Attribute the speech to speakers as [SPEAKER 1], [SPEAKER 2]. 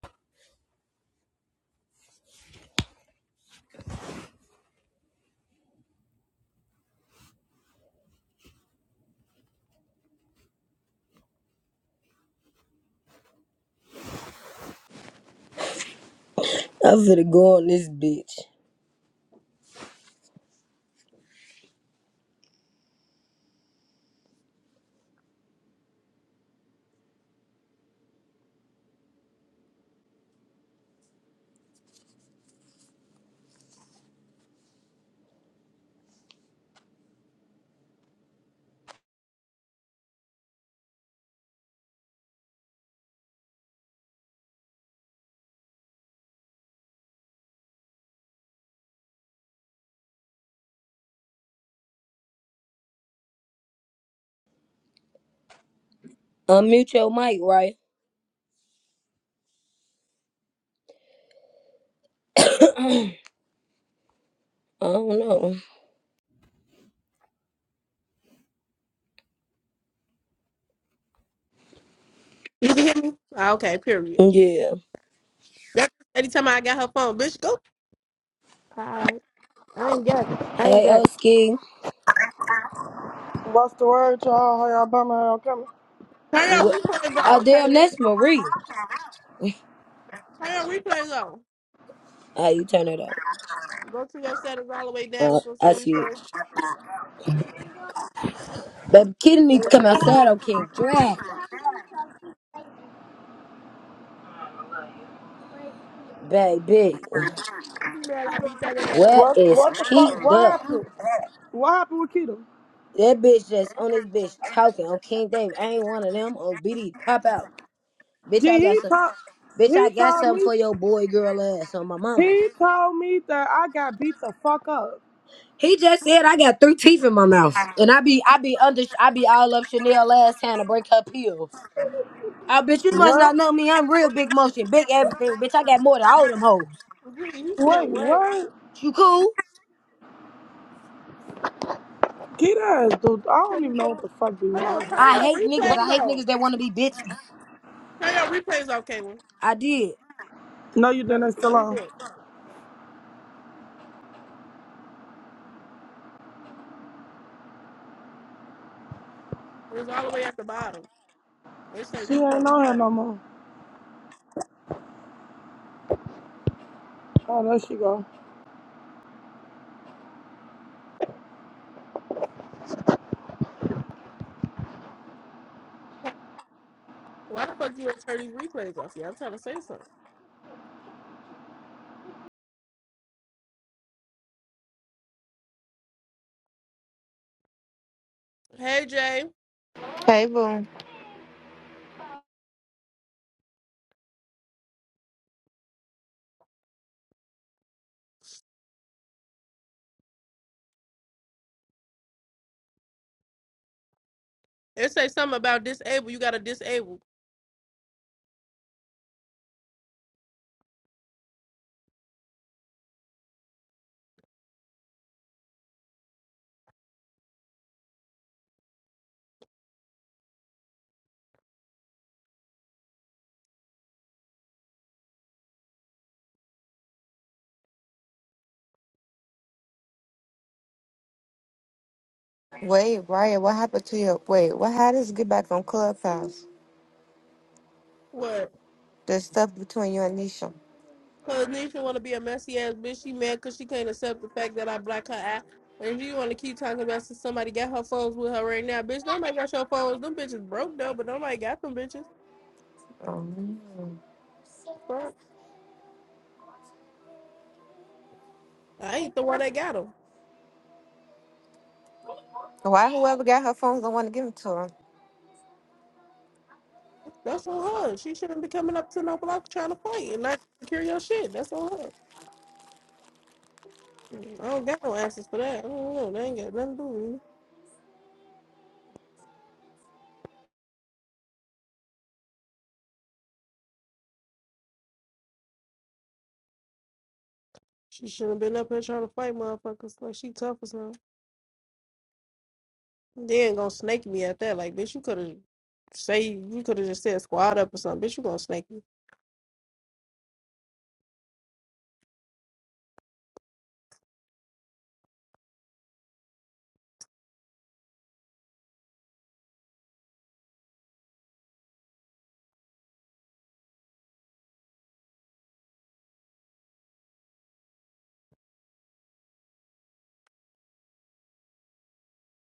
[SPEAKER 1] I'm finna go on this bitch. Unmute your mic, right? I don't know.
[SPEAKER 2] You can hear me? Ah, okay, period.
[SPEAKER 1] Yeah.
[SPEAKER 2] That's every time I got her phone, bitch, go. Alright. I ain't got it. I ain't
[SPEAKER 1] Hey,
[SPEAKER 2] got it.
[SPEAKER 1] Oski.
[SPEAKER 3] What's the word, y'all? How y'all bum around coming?
[SPEAKER 2] Turn your
[SPEAKER 1] Wh-
[SPEAKER 2] replays
[SPEAKER 1] Oh,
[SPEAKER 2] on,
[SPEAKER 1] damn,
[SPEAKER 2] Kayla.
[SPEAKER 1] that's Marie.
[SPEAKER 2] Turn your replays on.
[SPEAKER 1] Ah, you turn it up.
[SPEAKER 2] Go to your settings all the way down.
[SPEAKER 1] Uh,
[SPEAKER 2] It's gonna say
[SPEAKER 1] I see
[SPEAKER 2] replay.
[SPEAKER 1] it. Baby, Kitty need to come outside on King Drag. Baby,
[SPEAKER 2] You mad I beat that ass.
[SPEAKER 1] where
[SPEAKER 3] What
[SPEAKER 1] is
[SPEAKER 3] what the
[SPEAKER 1] Keith
[SPEAKER 3] fuck what
[SPEAKER 1] up?
[SPEAKER 3] happened? What happened with Keto?
[SPEAKER 1] That bitch that's on this bitch talking on King David. I ain't one of them on BD. Pop out. Bitch,
[SPEAKER 3] Gee,
[SPEAKER 1] I
[SPEAKER 3] he
[SPEAKER 1] got some.
[SPEAKER 3] told
[SPEAKER 1] Bitch, I
[SPEAKER 3] he
[SPEAKER 1] got
[SPEAKER 3] told
[SPEAKER 1] something
[SPEAKER 3] me
[SPEAKER 1] for your boy girl ass on my mama.
[SPEAKER 3] he told me that I got beat the fuck up.
[SPEAKER 1] He just said I got three teeth in my mouth, and I be I be under I be all up Chanel last hand to break her pills. I bitch, you must
[SPEAKER 3] What?
[SPEAKER 1] not know me. I'm real big motion, big everything, bitch. I got more than all them hoes.
[SPEAKER 2] Gee, you said
[SPEAKER 3] Wait,
[SPEAKER 2] what?
[SPEAKER 3] what?
[SPEAKER 1] You cool?
[SPEAKER 3] Keto is dude. I don't
[SPEAKER 2] Turn-
[SPEAKER 3] even know what the fuck be
[SPEAKER 2] Hold
[SPEAKER 3] wrong
[SPEAKER 2] on,
[SPEAKER 3] with
[SPEAKER 2] turn
[SPEAKER 3] her.
[SPEAKER 1] I
[SPEAKER 2] your
[SPEAKER 1] hate niggas. I
[SPEAKER 2] replays
[SPEAKER 1] hate
[SPEAKER 2] on.
[SPEAKER 1] niggas that want to be bitches.
[SPEAKER 2] Turn your replays on, Kayla.
[SPEAKER 1] I did.
[SPEAKER 3] No, you
[SPEAKER 2] No,
[SPEAKER 3] didn't It's still
[SPEAKER 2] no, you
[SPEAKER 3] on.
[SPEAKER 2] didn't. It was all the way at the bottom. It say
[SPEAKER 3] She ain't
[SPEAKER 2] replays.
[SPEAKER 3] on here no more. Oh, there she go.
[SPEAKER 2] Why the fuck you gonna turn these replays off? Yeah, I'm trying to say something. Hey Jay,
[SPEAKER 4] Hey, boo.
[SPEAKER 2] it say something about disable. You gotta disable.
[SPEAKER 4] Wait, Ryan, what happened to your. Wait, what? How does get back on Clubhouse?
[SPEAKER 2] What?
[SPEAKER 4] The stuff between you and Nisha.
[SPEAKER 2] Cause Nisha want to be a messy ass bitch. She mad cause she can't accept the fact that I black her out. And if you want to keep talking about since somebody got her phones with her right now, bitch. Nobody got your phones. Them bitches broke though, but nobody got them bitches.
[SPEAKER 4] Um,
[SPEAKER 2] Fuck. I ain't the one that got them.
[SPEAKER 4] why whoever got her phones don't want to give them to her?
[SPEAKER 2] That's on her. She shouldn't be coming up to no block trying to fight and not secure your shit. That's on her. I don't got no answers for that. I don't know. They ain't got nothing to do with me. She shouldn't have been up here trying to fight motherfuckers like she tough as hell. They ain't gonna snake me at that. Like, bitch, you could have say you could have just said squad up or something. Bitch, you gonna snake me.